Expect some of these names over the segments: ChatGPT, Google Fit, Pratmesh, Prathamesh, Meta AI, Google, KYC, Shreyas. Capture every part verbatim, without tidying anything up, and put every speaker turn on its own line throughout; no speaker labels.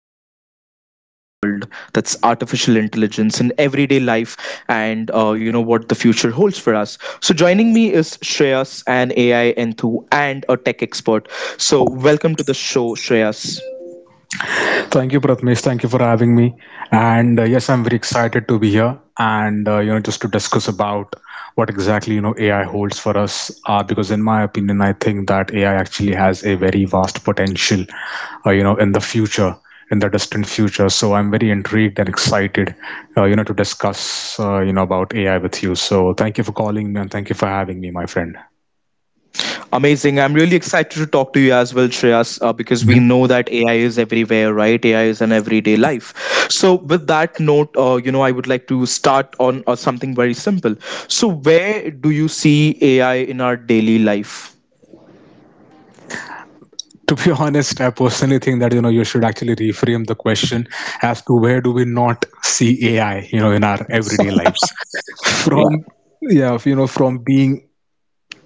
topic that's shaping our world, that's artificial intelligence in everyday life, and uh, you know what the future holds for us. So, joining me is Shreyas, an A I enthu and a tech expert. So, welcome to the show, Shreyas.
Thank you, Pratmesh. Thank you for having me. And uh, yes, I'm very excited to be here, and uh, you know, just to discuss about what exactly, you know, A I holds for us. Uh, because in my opinion, I think that A I actually has a very vast potential. Uh, you know, in the future, in the distant future. So I'm very intrigued and excited. Uh, you know, to discuss uh, you know, about A I with you. So thank you for calling me, and thank you for having me, my friend.
Amazing. I'm really excited to talk to you as well, Shreyas, uh, because we know that A I is everywhere, right? A I is in everyday life. So, with that note, uh, you know, I would like to start on uh, something very simple. So, where do you see A I in our daily life?
To be honest, I personally think that you know, you should actually reframe the question as to where do we not see A I, you know, in our everyday lives.
Yeah.
From, yeah, you know, from being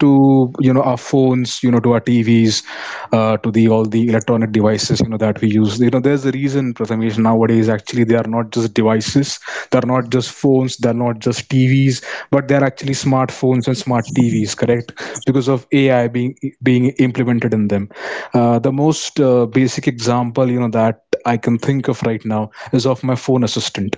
to, you know, our phones, you know, to our tvs, uh, to the all the electronic devices, you know, that we use. You know, there's a reason, prathamesh, nowadays actually they are not just devices, they're not just phones, they're not just tvs, but they're actually smartphones and smart tvs, correct, because of A I being, being implemented in them. Uh, the most uh, basic example, you know, that I can think of right now is of my phone assistant.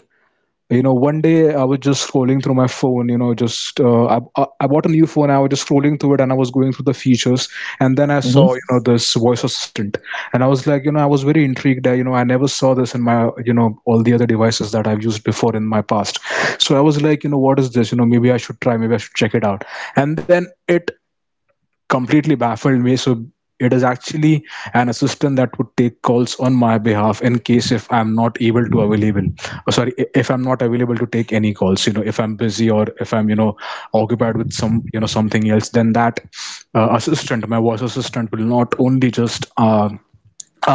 You know, one day I was just scrolling through my phone, you know, just uh, I, I I bought a new phone, I was just scrolling through it, and I was going through the features, and then I saw, you know, this voice assistant, and I was like, you know, I was very intrigued. I, you know, I never saw this in my, you know, all the other devices that I've used before in my past. So I was like, you know, what is this? You know, maybe I should try, maybe I should check it out. And then it completely baffled me. So it is actually an assistant that would take calls on my behalf in case if I'm not able to available. oh, Sorry, i- if I'm not available to take any calls, you know, if I'm busy or if I'm, you know, occupied with some, you know, something else, then that uh, assistant, my voice assistant, will not only just uh,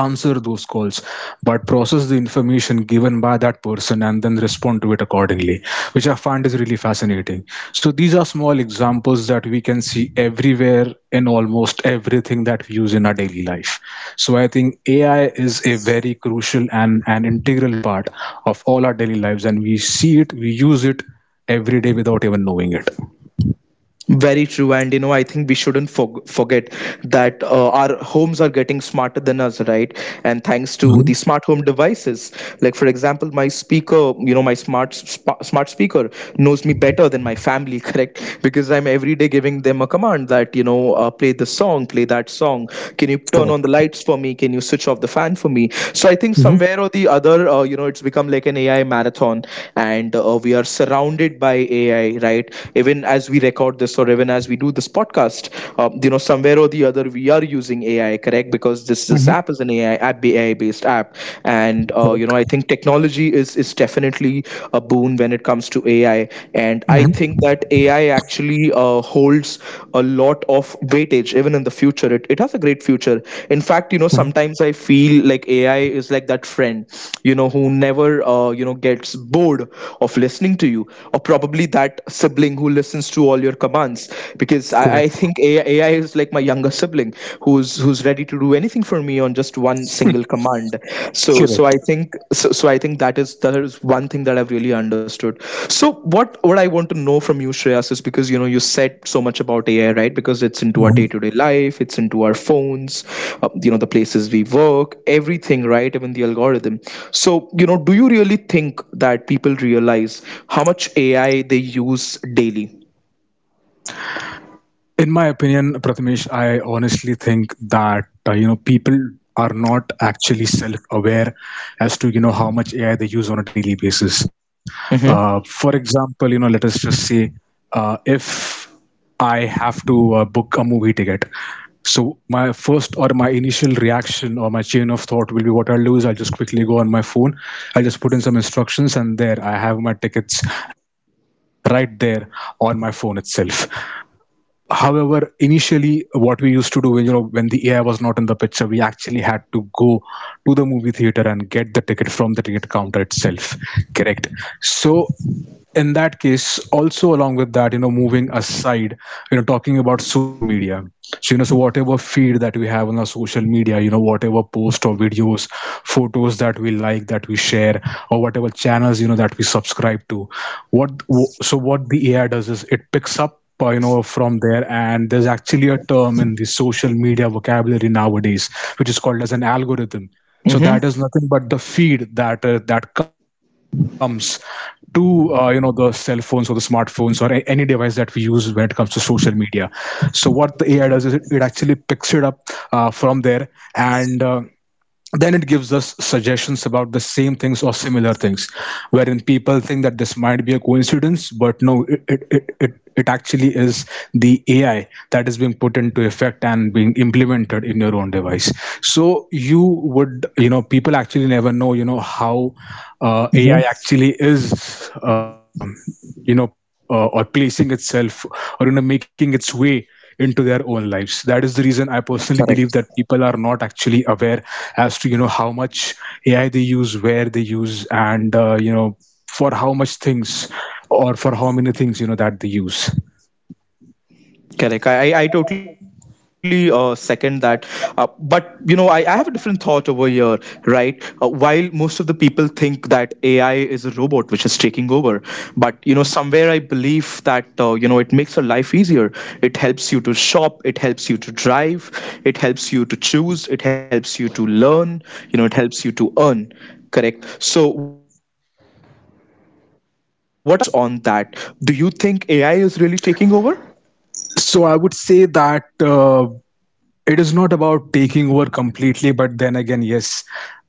answer those calls, but process the information given by that person and then respond to it accordingly, which I find is really fascinating. So these are small examples that we can see everywhere in almost everything that we use in our daily life. So I think A I is a very crucial and an integral part of all our daily lives, and we see it, we use it every day without even knowing it.
Very true, and you know, I think we shouldn't forg forget that uh, our homes are getting smarter than us, right? And thanks to
Mhm.
the smart home devices, like for example, my speaker, you know, my smart sp smart speaker knows me better than my family, correct? Because I'm every day giving them a command that, you know, uh, play this song, play that song. Can you turn
Correct.
on the lights for me? Can you switch off the fan for me? So I think
Mhm.
somewhere or the other, uh, you know, it's become like an A I marathon, and uh, we are surrounded by A I, right? Even as we check out this, or even as we do this podcast, uh, you know somewhere or the other we are using AI, correct? Because this this
Mhm.
app is an AI app, AI based app. And uh, you know I
Correct.
think technology is is definitely a boon when it comes to AI. And I
Mhm.
think that AI actually uh, holds a lot of weightage. Even in the future, it, it has a great future. In fact, you know
Mhm.
sometimes I feel like AI is like that friend you know who never uh, you know gets bored of listening to you, or probably that sibling who listens to all your commands, because I, I
Correct.
think A I is like my younger sibling who's who's ready to do anything for me on just one single command. So so
Correct.
I think so, so I think that is that is one thing that I've really understood. So what what I want to know from you, Shreyas, is, because you know you said so much about A I, right? Because it's into our day to
Mhm.
day life, it's into our phones, uh, you know the places we work, everything, right? Even the algorithm. So, you know, do you really think that people realize how much A I they use daily?
In my opinion, Prathamesh, I honestly think that uh, you know, people are not actually self-aware as to, you know, how much A I they use on a daily basis. Uh, for
Mm-hmm.
example, you know, let us just say uh, if I have to uh, book a movie ticket. So my first or my initial reaction or my chain of thought will be, what I'll do is I'll just quickly go on my phone. I'll just put in some instructions, and there I have my tickets right there on my phone itself. However, initially, what we used to do, when you know, when the A I was not in the picture, we actually had to go to the movie theater and get the ticket from the ticket counter itself. Correct. So in that case also, along with that, you know, moving aside, you know, talking about social media, so you know, so whatever feed that we have on our social media, you know, whatever post or videos, photos that we like, that we share, or whatever channels, you know, that we subscribe to, what, so what the A I does is it picks up, uh, you know, from there. And there's actually a term in the social media vocabulary nowadays which is called as an algorithm. So that is nothing but
Mm-hmm.
the feed that uh, that comes to, uh, you know, the cell phones or the smartphones or a- any device that we use when it comes to social media. So what the ai does is, it, it actually picks it up uh, from there, and uh, then it gives us suggestions about the same things or similar things, wherein people think that this might be a coincidence, but no, it it, it, it it actually is the A I that is being put into effect and being implemented in your own device. So you would, you know, people actually never know, you know, how uh, A I actually
Mm-hmm.
is, um you know, uh, or placing itself or, you know, making its way into their own lives. That is the reason I personally believe that people are
Correct.
not actually aware as to, you know, how much ai they use, where they use, and uh, you know, for how much things or for how many things, you know, that they use.
Correct. I, I I totally uh, second that. Uh, but, you know, I, I have a different thought over here, right? Uh, while most of the people think that A I is a robot which is taking over, but, you know, somewhere I believe that, uh, you know, it makes your life easier. It helps you to shop, it helps you to drive, it helps you to choose, it helps you to learn, you know, it helps you to earn. Correct. So, what are your thoughts on that? Do you think A I is really taking over?
So I would say that uh, it is not about taking over completely, but then again, yes,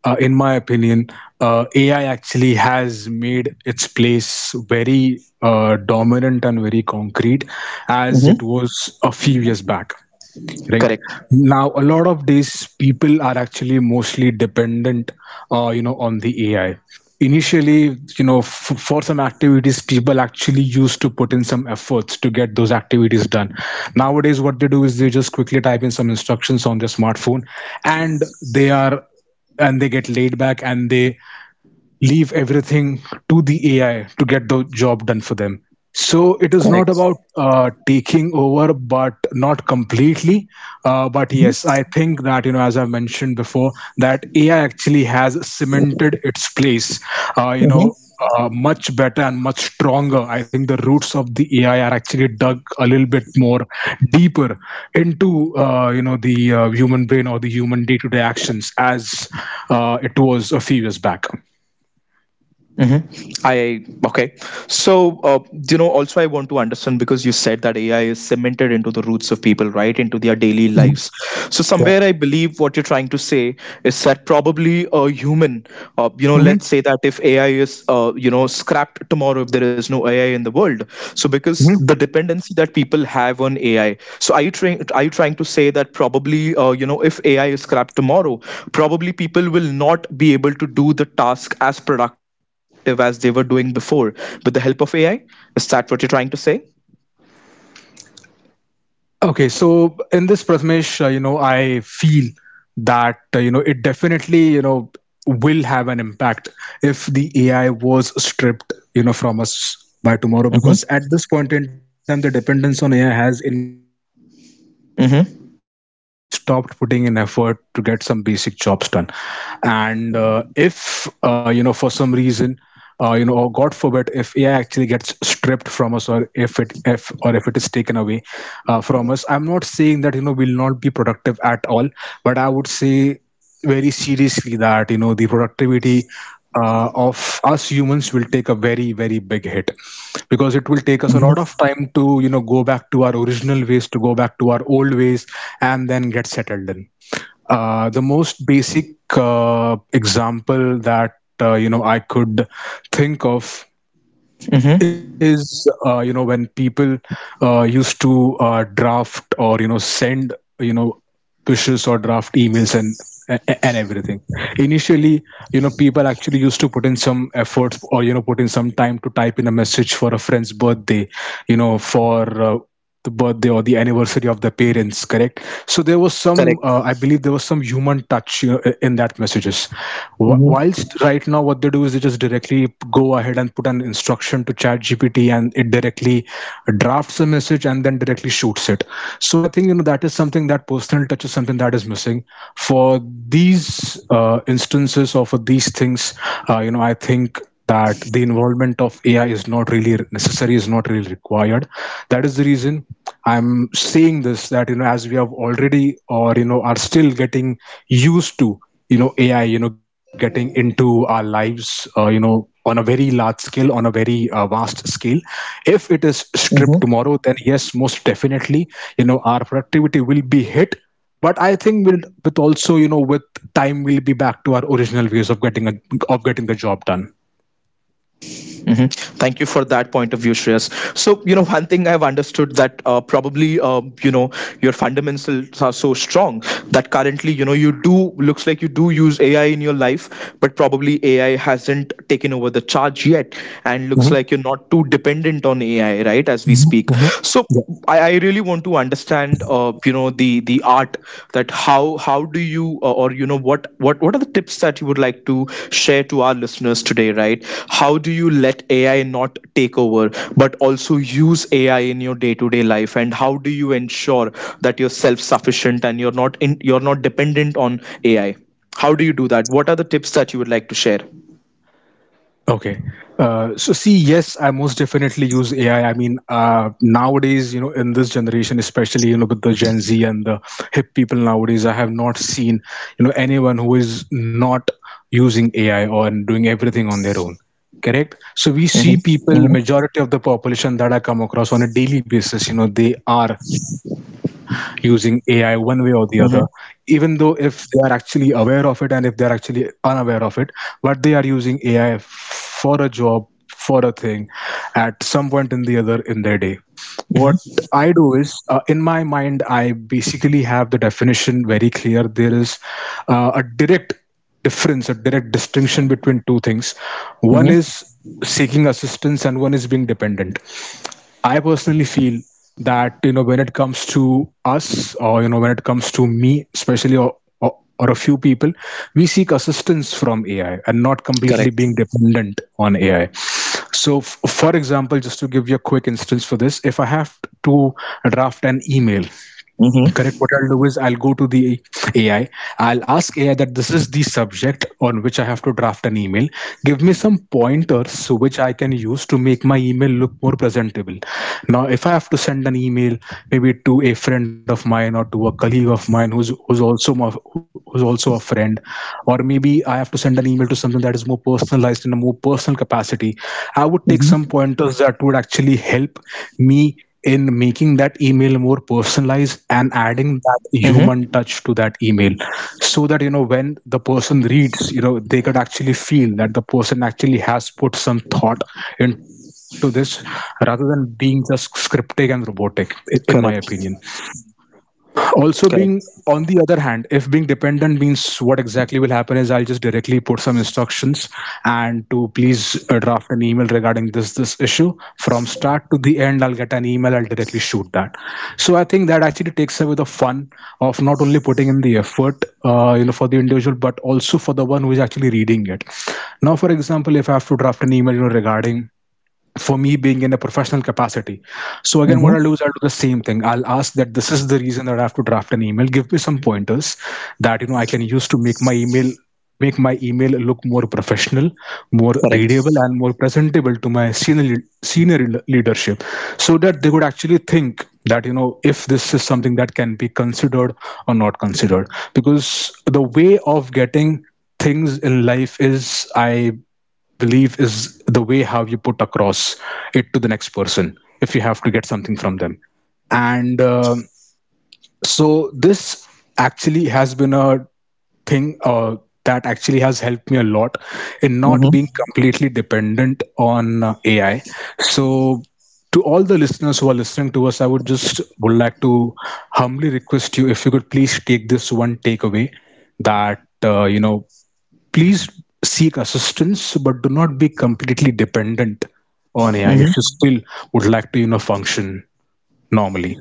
uh, in my opinion, uh, A I actually has made its place very uh, dominant and very concrete as it was
Mm-hmm.
a few years back. Right now
Correct.
a lot of these people are actually mostly dependent, uh, you know, on the A I. Initially, you know, f- for some activities people actually used to put in some efforts to get those activities done. Nowadays what they do is they just quickly type in some instructions on their smartphone, and they are, and they get laid back and they leave everything to the A I to get the job done for them. So it is not about
Correct.
uh, taking over, but not completely. Uh, but yes, I think
Mm-hmm.
that, you know, as I mentioned before, that A I actually has cemented its place. Uh, you know.
Mm-hmm.
Uh, much better and much stronger. I think the roots of the A I are actually dug a little bit more deeper into, uh, you know, the uh, human brain or the human day-to-day actions as uh, it was a few years back.
Mm-hmm. I okay. So, uh, you know, also I want to understand, because you said that A I is cemented into the roots of people, right, into their daily lives. So,
Yeah.
somewhere I believe what you're trying to say is that probably a human, uh, you know,
Hmm.
let's say that if A I is, uh, you know, scrapped tomorrow, if there is no A I in the world. So, because the
Hmm.
dependency that people have on A I. So are you trying are you trying to say that probably uh, you know if A I is scrapped tomorrow, probably people will not be able to do the task as productive as they were doing before with the help of A I? Is that what you're trying to say?
Okay, so in this, Prathamesh, uh, you know, I feel that uh, you know, it definitely, you know, will have an impact if the A I was stripped, you know, from us by tomorrow,
Mm-hmm.
because at this point in time the dependence on A I has increased so much that people actually
Mm-hmm.
have stopped putting in effort to get some basic jobs done, and uh, if uh, you know, for some reason, uh, you know, or God forbid, if A I actually gets stripped from us, or if it if or if it is taken away uh, from us, I'm not saying that, you know, we'll not be productive at all, but I would say very seriously that, you know, the productivity uh, of us humans will take a very very big hit, because it will take us a lot of
Mm-hmm.
time to, you know, go back to our original ways, to go back to our old ways and then get settled in. Uh, the most basic uh, example that, uh, you know, I could think of
Mm-hmm.
is, uh, you know, when people uh, used to uh, draft or, you know, send, you know, pushes or draft emails and a- and everything. Initially, you know, people actually used to put in some efforts or, you know, put in some time to type in a message for a friend's birthday, you know, for uh, the birthday or the anniversary of the parents, correct. So there was some, uh,
Correct.
I believe there was some human touch, you know, i- in that messages. Wh-
Mm-hmm.
whilst right now, what they do is they just directly go ahead and put an instruction to chat G P T, and it directly drafts a message and then directly shoots it. So I think, you know, that is something, that personal touch is something that is missing. For these uh, instances or for these things, uh, you know, I think that the involvement of A I is not really necessary, is not really required. That is the reason I'm saying this, that, you know, as we have already, or you know, are still getting used to, you know, A I, you know, getting into our lives, uh, you know, on a very large scale, on a very uh, vast scale, if it is stripped tomorrow, then yes, most definitely, you know, our productivity will be hit. But I think we'll, with also, you know, with time, we'll be back to our original ways of getting a, of getting the job done.
Mhm. Thank you for that point of view, Shreyas. So, you know, one thing I've understood, that uh, probably, uh, you know, your fundamentals are so strong that currently, you know, you do, looks like you do use A I in your life, but probably A I hasn't taken over the charge yet. And looks
Hmm.
like you're not too dependent on A I, right, as we
Hmm.
speak.
Hmm.
So, I, I really want to understand, uh, uh, you know the the art, that how how do you, uh, or you know what what what are the tips that you would like to share to our listeners today, right? How do you let AI not take over but also use AI in your day-to-day life, and how do you ensure that you're self-sufficient and you're not in you're not dependent on AI? How do you do that? What are the tips that you would like to share?
Okay. Uh, so see, yes, I most definitely use A I. I I mean, uh, nowadays, you know, in this generation, especially, you know, with the Gen Z and the hip people nowadays, I have not seen, you know, anyone who is not using A I or doing everything on their own. Correct.
Mm-hmm.
So we see
Mm-hmm.
people, majority of the population that I come across on a daily basis, you know, they are using A I one way or the other. Even though
Mm-hmm.
if they are actually aware of it and if they are actually unaware of it, but they are using A I for a job, for a thing at some point in the other in their day. What I do is, uh, in my mind, I basically have the definition very clear. There is uh, a direct difference, a direct distinction between two things. One
Mm-hmm.
is seeking assistance, and one is being dependent. I personally feel that you know when it comes to us, or you know when it comes to me, especially or, or, or a few people, we seek assistance from A I and not completely being
Correct.
dependent on A I. So, f- for example, just to give you a quick instance for this, if I have to draft an email,
Mm-hmm.
correct. What I'll do is I'll go to the A I. I'll ask A I that this is the subject on which I have to draft an email. Give me some pointers which I can use to make my email look more presentable. Now, if I have to send an email maybe to a friend of mine or to a colleague of mine who's who's also my, who's also a friend, or maybe I have to send an email to something that is more personalized in a more personal capacity, I would take some
Mm-hmm.
pointers that would actually help me in making that email more personalized and
Mm-hmm.
adding that human touch to that email, so that you know when the person reads, you know, they could actually feel that the person actually has put some thought into this rather than being just scriptic and robotic, i- in my opinion.
Correct.
Also being on
Correct.
the other hand, if being dependent means, what exactly will happen is I'll just directly put some instructions and to please uh, draft an email regarding this this issue from start to the end, I'll get an email, I'll directly shoot that. So I think that actually takes away the fun of not only putting in the effort, uh, you know, for the individual, but also for the one who is actually reading it. Now for example, if I have to draft an email, you know, regarding for me being in a professional capacity. So again,
Mm-hmm.
what I'll do is I'll do the same thing. I'll ask that this is the reason that I have to draft an email. Give me some pointers that you know I can use to make my email make my email look more professional, more
Correct.
readable, and more presentable to my senior senior le- leadership, so that they would actually think that you know if this is something that can be considered or not considered. Because the way of getting things in life is, I belief, is the way how you put across it to the next person if you have to get something from them. And um so this actually has been a thing uh, that actually has helped me a lot in not being completely dependent on uh, A I. So, to all the listeners who are listening to us, I would just would like to humbly request you, if you could please take this one takeaway that uh, you know, please seek assistance, but do not be completely dependent on A I if you
Mm-hmm.
still would like to, you know, function normally.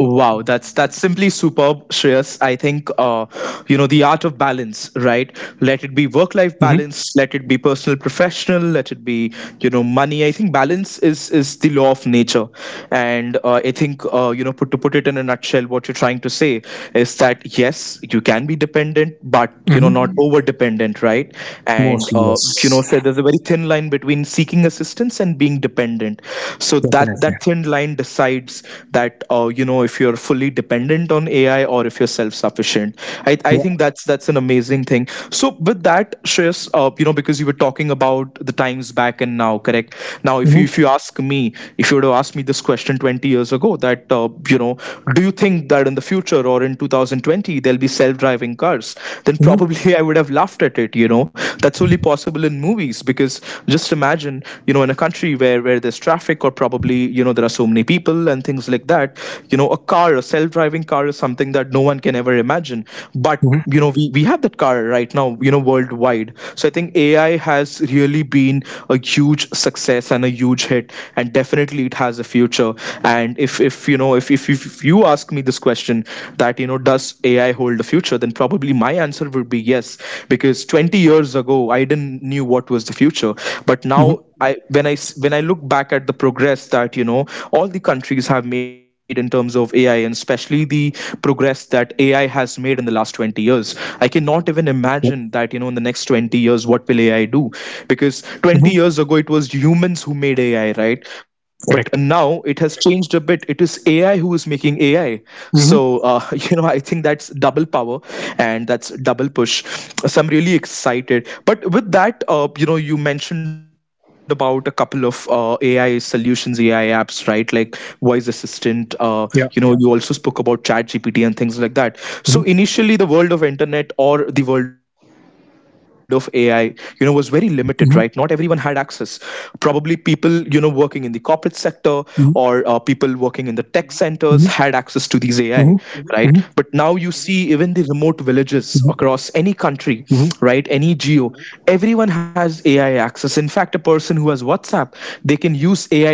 Wow, that's that's simply superb, Shreyas. I think uh, you know the art of balance, right? Let it
Hmm.
be work-life balance, let it be personal, professional, let it be you know money. I think balance is is the law of nature, and uh, I think, uh, you know put to put it in a nutshell, what you're trying to say is that yes, you can be dependent, but you know
Hmm.
not over-dependent, right?
Mostly,
And uh, you
yes.
know, so there's a very thin line between seeking assistance and being dependent, so that
Definitely.
that thin line decides that, uh, you know if you're fully dependent on AI or if you're self-sufficient. i,
Yeah.
I think that's that's an amazing thing. So, with that Shreyas, uh, you know because you were talking about the times back and now, correct? Now, if
Hmm.
you if you ask me, if you would have asked me this question twenty years ago that, uh, you know do you think that in the future or in two thousand twenty there'll be self-driving cars, then
Hmm.
probably I would have laughed at it you know That's only possible in movies, because just imagine, you know in a country where where there's traffic, or probably you know there are so many people and things like that. You know a car a self-driving car is something that no one can ever imagine but
Hmm.
you know we, we have that car right now, you know worldwide. So I think AI has really been a huge success and a huge hit, and definitely it has a future. And if if you know if if, if you ask me this question that, you know does A I hold the future, then probably my answer would be yes. Because twenty years ago, I didn't knew what was the future, but
Hmm.
now, I when I s- when I look back at the progress that you know all the countries have made in terms of A I, and especially the progress that A I has made in the last twenty years, I cannot
Yep.
even imagine that, you know in the next twenty years, what will A I do? Because
Hmm.
twenty years ago it was humans who made A I, right? But
Correct.
now it has changed a bit, it is AI who is making AI. So,
Hmm.
uh, you know I think that's double power, and that's double push. So I'm really excited. But with that, uh, you know you mentioned about a couple of uh, AI solutions, AI apps, right? Like voice assistant. Uh,
Yeah.
you know yeah, you also spoke about chat G P T and things like that. So
Hmm.
initially, the world of internet, or the world of AI, you know was very limited, right? Not everyone had access.
Hmm.
Probably people people you know working in the corporate sector, or uh,
Hmm.
people working in the tech centers, had access
Hmm.
to these AI. Right? But now
Hmm.
you see, even the remote villages across any
Hmm.
country, right,
Hmm.
any geo, everyone has AI access. In fact, a person who has WhatsApp, they can use AI through Meta,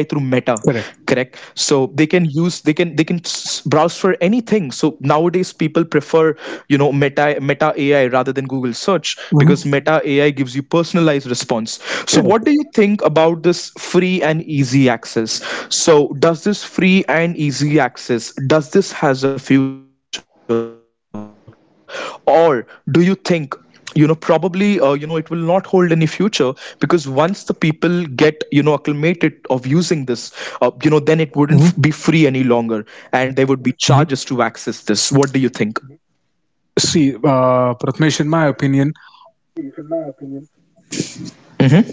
correct?
Correct.
So they can use they can they can s- browse for anything. So nowadays people prefer, you know meta meta AI rather than Google search, because
Hmm.
Meta A I gives you personalized response. So,
Correct.
what do you think about this free and easy access? So, does this free and easy access does this has a future? Or do you think, you know probably, uh, you know it will not hold any future, because once the people get, you know acclimated of using this, uh, you know then it wouldn't f- be free any longer, and there
Hmm.
would be charges to access this. What do you
Hmm.
think?
See, uh, Pratmesh, in my opinion,
Mm-hmm.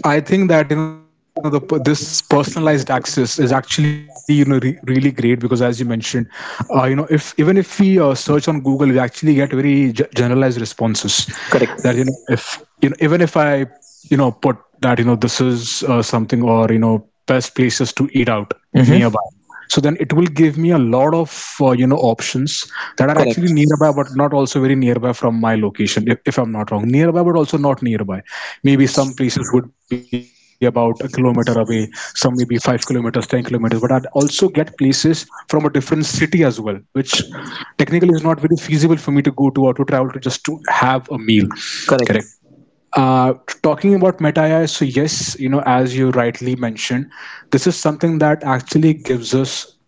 I think that you know the per- this personalized access is actually you know re- really great because as you mentioned, uh, you know, if even if we uh, search on Google, we actually get very ge- generalized responses.
Correct.
That you know if you know even if I you know put that you know this is uh, something or you know best places to eat out
Mm-hmm.
nearby, so then it will give me a lot of uh, you know options that are
Correct.
actually nearby but not also very nearby from my location, if, if I'm not wrong, nearby but also not nearby. Maybe some places would be about a kilometer away, some maybe five kilometers, ten kilometers, but I'd also get places from a different city as well, which technically is not very feasible for me to go to or to travel to just to have a meal. Correct.
Correct.
uh, Talking about Meta A I, so yes, you know, as you rightly mentioned, this is something that actually gives us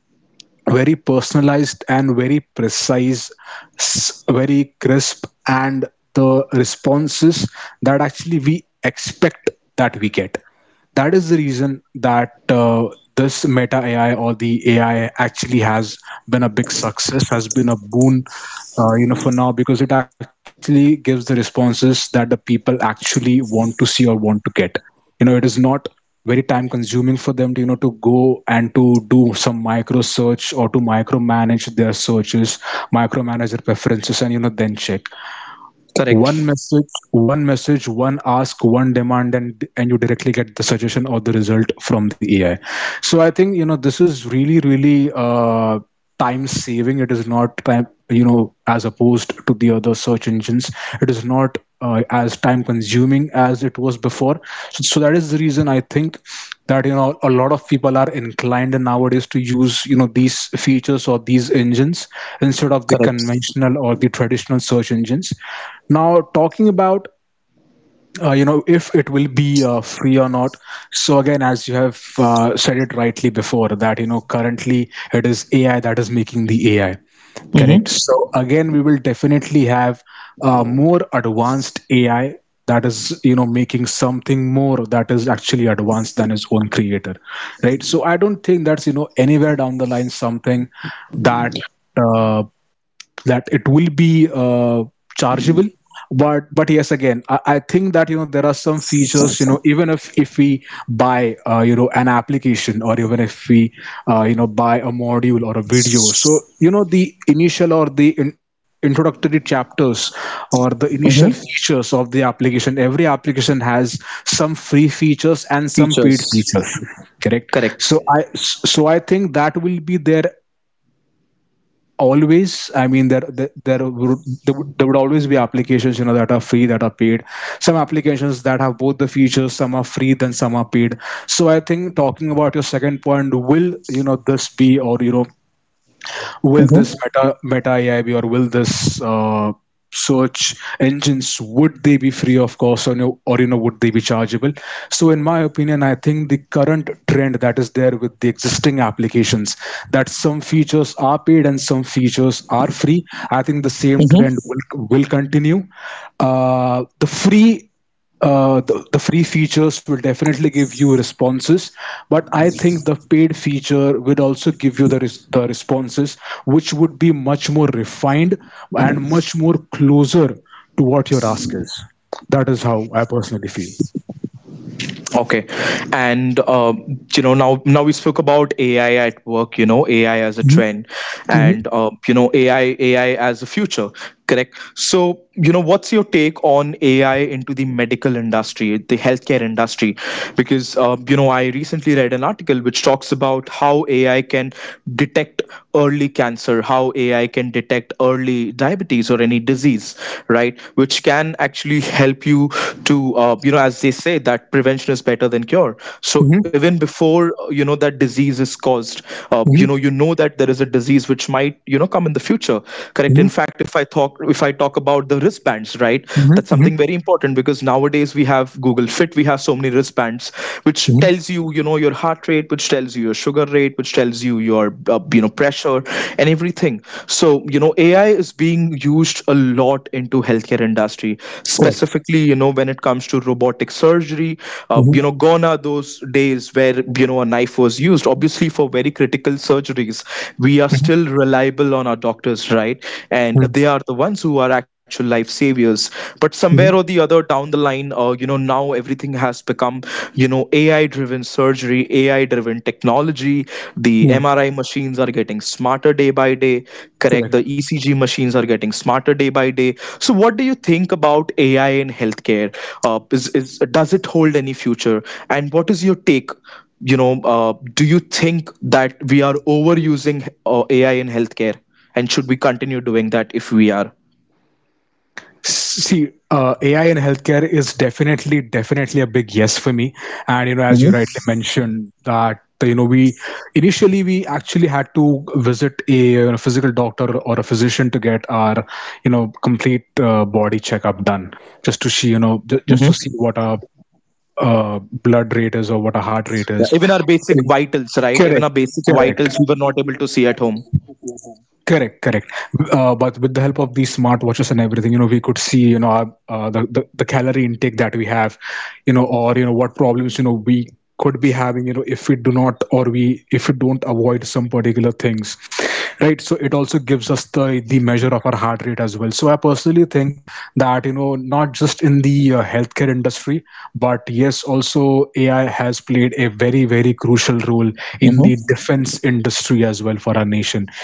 very personalized and very precise, s- very crisp, and the responses that actually we expect, that we get. That is the reason that uh, this Meta AI or the AI actually has been a big success, has been a boon, uh, you know, for now, because it actually gives the responses that the people actually want to see or want to get. You know, it is not very time consuming for them to you know to go and to do some micro search or to micromanage their searches micromanage their preferences, and you know then check one
Correct.
message one message, one ask, one demand, and and you directly get the suggestion or the result from the AI. So I think you know this is really really, uh, time saving. It is not time, you know, as opposed to the other search engines, it is not uh, as time consuming as it was before. So, so that is the reason I think that you know a lot of people are inclined nowadays to use you know these features or these engines instead of the
Correct.
conventional or the traditional search engines. Now, talking about uh, you know if it will be uh, free or not. So again, as you have uh, said it rightly before, that you know currently it is A I that is making the A I. Correct.
Mm-hmm.
So again, we will definitely have uh, more advanced A I that is you know making something more that is actually advanced than its own creator, right? So I don't think that's you know anywhere down the line something that uh, that it will be uh, chargeable, but but yes again I, I think that you know there are some features you know even if if we buy uh, you know an application or even if we uh, you know buy a module or a video, so you know the initial or the in, introductory chapters or the
Mm-hmm.
initial features of the application. Every application has some free features and some paid
Features.
features. Correct.
Correct.
So i so I think that will be there always. I mean there there, there would there would there would always be applications you know that are free, that are paid, some applications that have both the features, some are free then some are paid. So I think talking about your second point, will you know this be or you know will
Mm-hmm.
this meta meta A I be or will this uh, search engines, would they be free of cost, or no, or you know would they be chargeable. So in my opinion I think the current trend that is there with the existing applications, that some features are paid and some features are free, I think the same trend
Mm-hmm.
will will continue. Uh, the free, uh, the, the free features will definitely give you responses, but I think the paid feature will also give you the, res- the responses, which would be much more refined and much more closer to what your ask is. That is how I personally feel.
Okay. And, um, you know now now we spoke about A I at work. You know A I as a
Mhm.
trend,
Mhm.
and uh, you know A I A I as a future. Correct. So, you know what's your take on A I into the medical industry, the healthcare industry? Because uh, you know, I recently read an article which talks about how A I can detect early cancer, how A I can detect early diabetes or any disease disease right, which can actually help you to uh, you know, as they say that prevention is better than cure. So
Mhm.
even before uh, you know that disease is caused, uh, you know, you
Mhm.
know that there is a disease which might you know come in the future, correct. In
Mhm.
fact, if i talk if I talk about the wristbands, right, that's something very important because nowadays we have Google Fit, we have so many wristbands which
Mhm. Mhm.
tells
Mhm.
you you know your heart rate, which tells you your sugar rate, which tells you your uh, you know pressure and everything. So you know A I is being used a lot into healthcare industry,
Correct.
specifically you know when it comes to robotic surgery. Uh, you
Mhm.
know, gone are those days where you know a knife was used obviously for very critical surgeries. We are
Mhm.
still reliable on our doctors, right, and
Mhm.
they are the ones who are actual life saviors. But somewhere
Mhm.
or the other down the line, uh, you know now everything has become you know A I driven surgery, AI driven technology. The
Mhm.
M R I machines are getting smarter day by day, correct. The
Correct.
E C G machines are getting smarter day by day. So what do you think about A I in healthcare? Uh, is, is does it hold any future, and what is your take, you know? Uh, do you think that we are overusing uh, A I in healthcare, and should we continue doing that if we are?
See, uh, A I in healthcare is definitely, definitely a big yes for me. And you know, as you rightly mentioned, that you know, we initially we actually had to visit a you know physical doctor or a physician to get our you know complete uh, body checkup done, just to see you know
Mhm.
ju- just to see what our uh, blood rate is or what our heart rate
Yeah,
is.
even our basic vitals, right? Even our
Correct,
basic
correct.
vitals, we were not able to see at home.
Correct, correct. Uh, but with the help of these smartwatches and everything, you know, we could see, you know, our, uh, the, the the calorie intake that we have, you know, or you know what problems, you know, we could be having, you know if we do not or we if we don't avoid some particular things, right? So it also gives us the the measure of our heart rate as well. So I personally think that, you know not just in the uh, healthcare industry, but yes, also AI has played a very, very crucial
Mm-hmm.
role in the defense industry as well for our nation.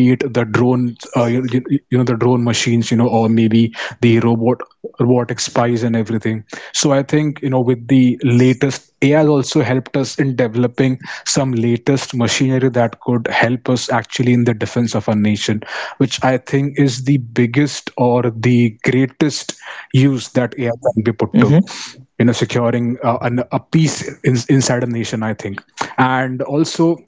Be it the drone uh, you, you you know the drone machines, you know or or maybe the robot robotic spies and everything. So I think, you know with the latest, AI has also helped us in developing some latest machinery that could help us actually in the defense of our nation, which I think is the biggest or the greatest use that
Mm-hmm.
AI can be put to, you know securing uh, an, a peace in, inside a nation, I think. And also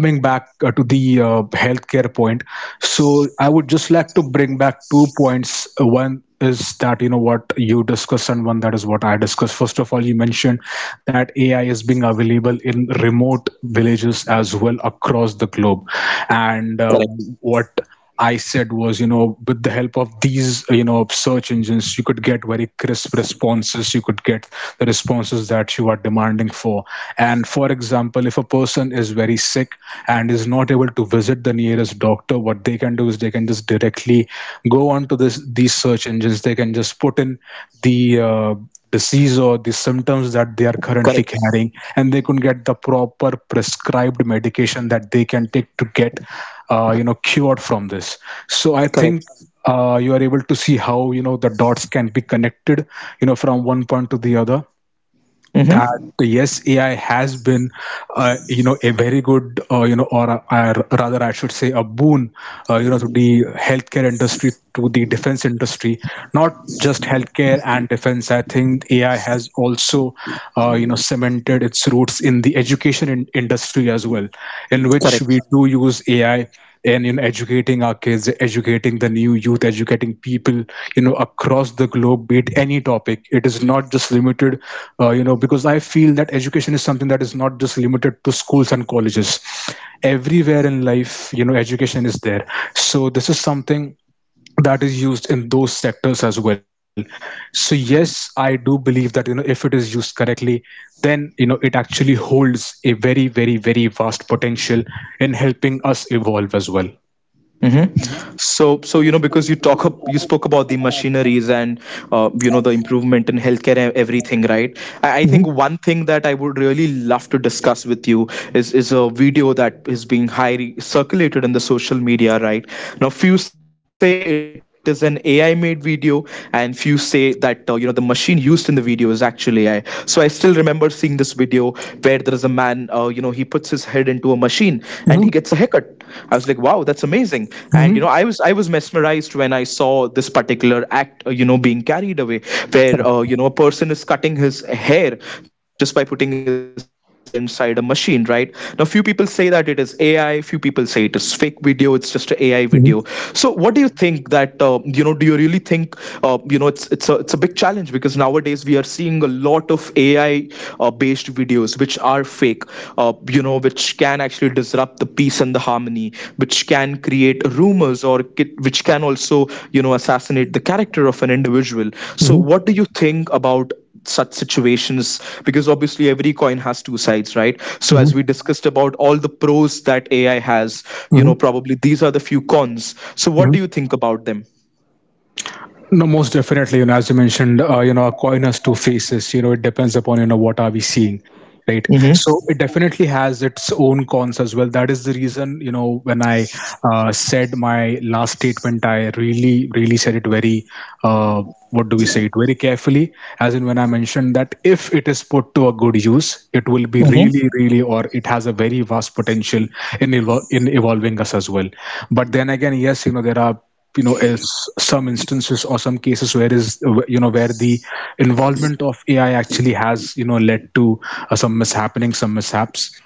coming back uh, to the uh, healthcare point. So I would just like to bring back two points. Uh, one is that, you know what you discussed, and one that is what I discussed. First of all, you mentioned that AI is being available in remote villages as well across the globe. And
Correct.
uh, what I said was, you know, with the help of these, you know, search engines, you could get very crisp responses. You could get the responses that you are demanding for. And for example, if a person is very sick and is not able to visit the nearest doctor, what they can do is they can just directly go onto this these search engines. They can just put in the uh, disease or the symptoms that they are currently
Correct.
carrying, and they could get the proper prescribed medication that they can take to get uh, you know cured from this. So I think
Correct.
uh, you are able to see how, you know the dots can be connected, you know from one point to the other,
Mm-hmm.
that yes, AI has been uh, you know a very good, uh, you know or, a- or rather I should say, a boon, uh, you know to the healthcare industry, to the defense industry. Not just healthcare and defense, I think AI has also uh, you know cemented its roots in the education in- industry as well, in which
Correct.
we do use AI and in educating our kids, educating the new youth, educating people, you know across the globe, be it any topic. It is not just limited, uh, you know because I feel that education is something that is not just limited to schools and colleges. Everywhere in life, you know education is there. So this is something that is used in those sectors as well. So yes, I do believe that, you know if it is used correctly, then, you know it actually holds a very, very, very vast potential in helping us evolve as well.
Mm-hmm. So, so you know, because you talk up, you spoke about the machineries and uh, you know the improvement in healthcare and everything, right? I, I think
Mm-hmm.
one thing that I would really love to discuss with you is is a video that is being highly circulated in the social media, right? Now, few say it is an A I made video, and few say that uh, you know the machine used in the video is actually A I. So I still remember seeing this video where there is a man, uh, you know, he he puts his head into a machine and he gets a haircut. I was like, wow, that's amazing. And you know,
Mm-hmm.
I was I was mesmerized when I saw this particular act, uh, you know, being carried away, where uh, you know a person is cutting his hair just by putting his head inside a machine, right? Now, few people say that it is A I. Few people say it is fake video. It's just a AI video. So, what do
Mm-hmm.
you think that uh, you know? Do you really think uh, you know it's it's a it's a big challenge because nowadays we are seeing a lot of A I uh, based videos which are fake, uh, you know, which can actually disrupt the peace and the harmony, which can create rumors or ki- which can also, you know, assassinate the character of an individual. So,
Mm-hmm.
what do you think about such situations? Because obviously every coin has two sides, right? So as we
Mm-hmm.
discussed about all the pros that A I has, you know probably these are the few cons. So what do you
Mm-hmm.
think about them?
No, most definitely. You know, as you mentioned, uh, you know, a coin has two faces. You know, it depends upon, you know what are we seeing, right?
Mm-hmm.
So it definitely has its own cons as well. That is the reason, you know when I uh, said my last statement, I really, really said it very. Uh, what do we say? It very carefully, as in when I mentioned that if it is put to a good use, it will be
Mm-hmm.
really, really, or it has a very vast potential in evol- in evolving us as well. But then again, yes, you know there are, you know is some instances or some cases where is you know where the involvement of A I actually has, you know led to uh, some mishappening, some mishaps.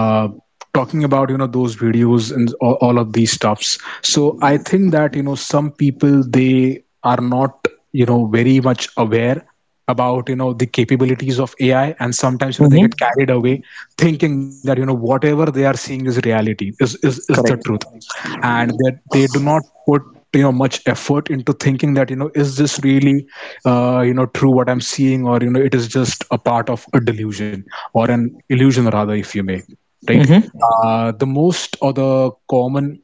Uh, Talking about you know those videos and all, all of these stuffs. So I think that, you know some people, they are not, you know very much aware about, you know the capabilities of A I, and sometimes, you know they get
Mm-hmm.
carried away thinking that, you know whatever they are seeing is reality, is is, is the
Correct.
truth, and that they do not put, you know much effort into thinking that, you know is this really, uh, you know true, what I'm seeing, or you know it is just a part of a delusion, or an illusion rather, if you may, right?
Mm-hmm.
Uh, the most or the common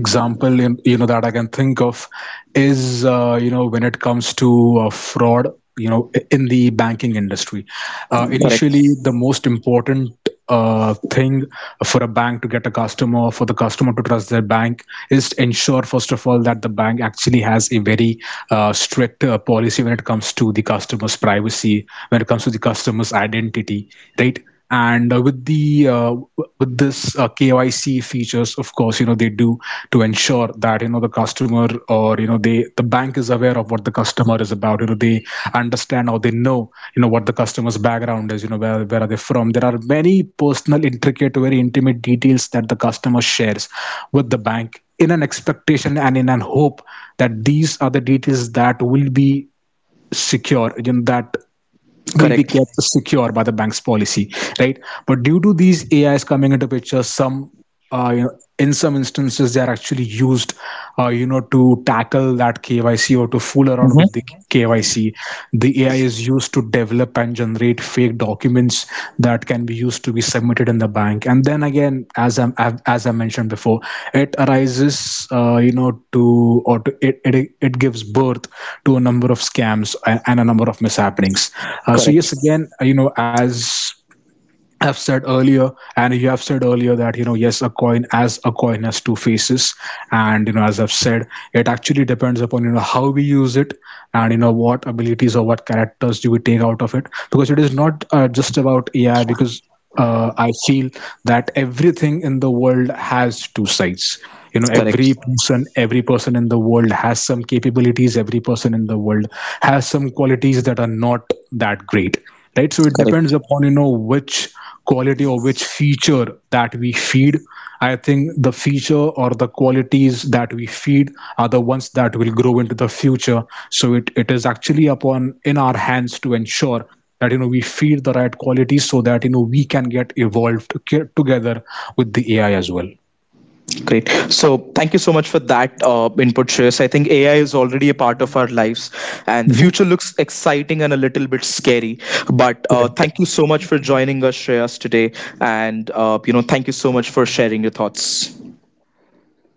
example in, you know that I can think of is, uh, you know when it comes to uh, fraud, you know i- in the banking industry. Uh, initially,
Correct.
the most important uh, thing for a bank to get a customer, for the customer to trust their bank, is to ensure first of all that the bank actually has a very uh, strict uh, policy when it comes to the customer's privacy, when it comes to the customer's identity, right? And uh, with the uh, w- with this uh, K Y C features, of course, you know they do, to ensure that, you know the customer, or you know they the bank is aware of what the customer is about. You know they understand or they know, you know what the customer's background is, you know where, where are they from. There are many personal, intricate, very intimate details that the customer shares with the bank in an expectation and in an hope that these are the details that will be secure, you know that will be
Correct.
kept secure by the bank's policy, right? But due to these AIs coming into picture, some uh, you know, in some instances, they are actually used, uh, you know to tackle that KYC or to fool around with
Mm-hmm.
the KYC. The A I is used to develop and generate fake documents that can be used to be submitted in the bank. And then again, as I as I mentioned before, it arises, uh, you know, to or to, it, it it gives birth to a number of scams and a number of mishappenings. Uh, so yes,
Correct,
again, uh, you know, as I've said earlier, and you have said earlier that, you know, yes, a coin as a coin has two faces, and, you know, as I've said, it actually depends upon, you know how we use it, and, you know what abilities or what characters do we take out of it, because it is not, uh, just about A I, because, uh, I feel that everything in the world has two sides. You know, every
correct,
person, every person in the world has some capabilities. Every person in the world has some qualities that are not that great, right? So it depends
correct.
upon, you know which quality or which feature that we feed. I think the feature or the qualities that we feed are the ones that will grow into the future. So it, it is actually upon in our hands to ensure that, you know we feed the right qualities so that, you know we can get evolved together with the A I as well.
Great. So, thank you so much for that uh, input, Shreyas. I think A I is already a part of our lives, and the future
Hmm.
looks exciting and a little bit scary. But uh,
Correct.
thank you so much for joining us, Shreyas, today, and uh, you know, thank you so much for sharing your thoughts.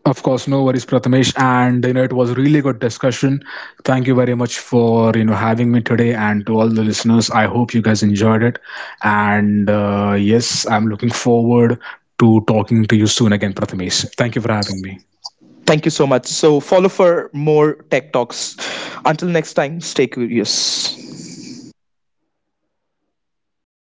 Of course, no worries, Prathamesh. And, you know, it was a really good discussion. Thank you very much for, you know having me today, and to all the listeners. I hope you guys enjoyed it. And uh, yes, I'm looking forward to talking to you soon again, Prathamesh. Thank you for having me.
Thank you so much. So, follow for more tech talks. Until next time, stay curious.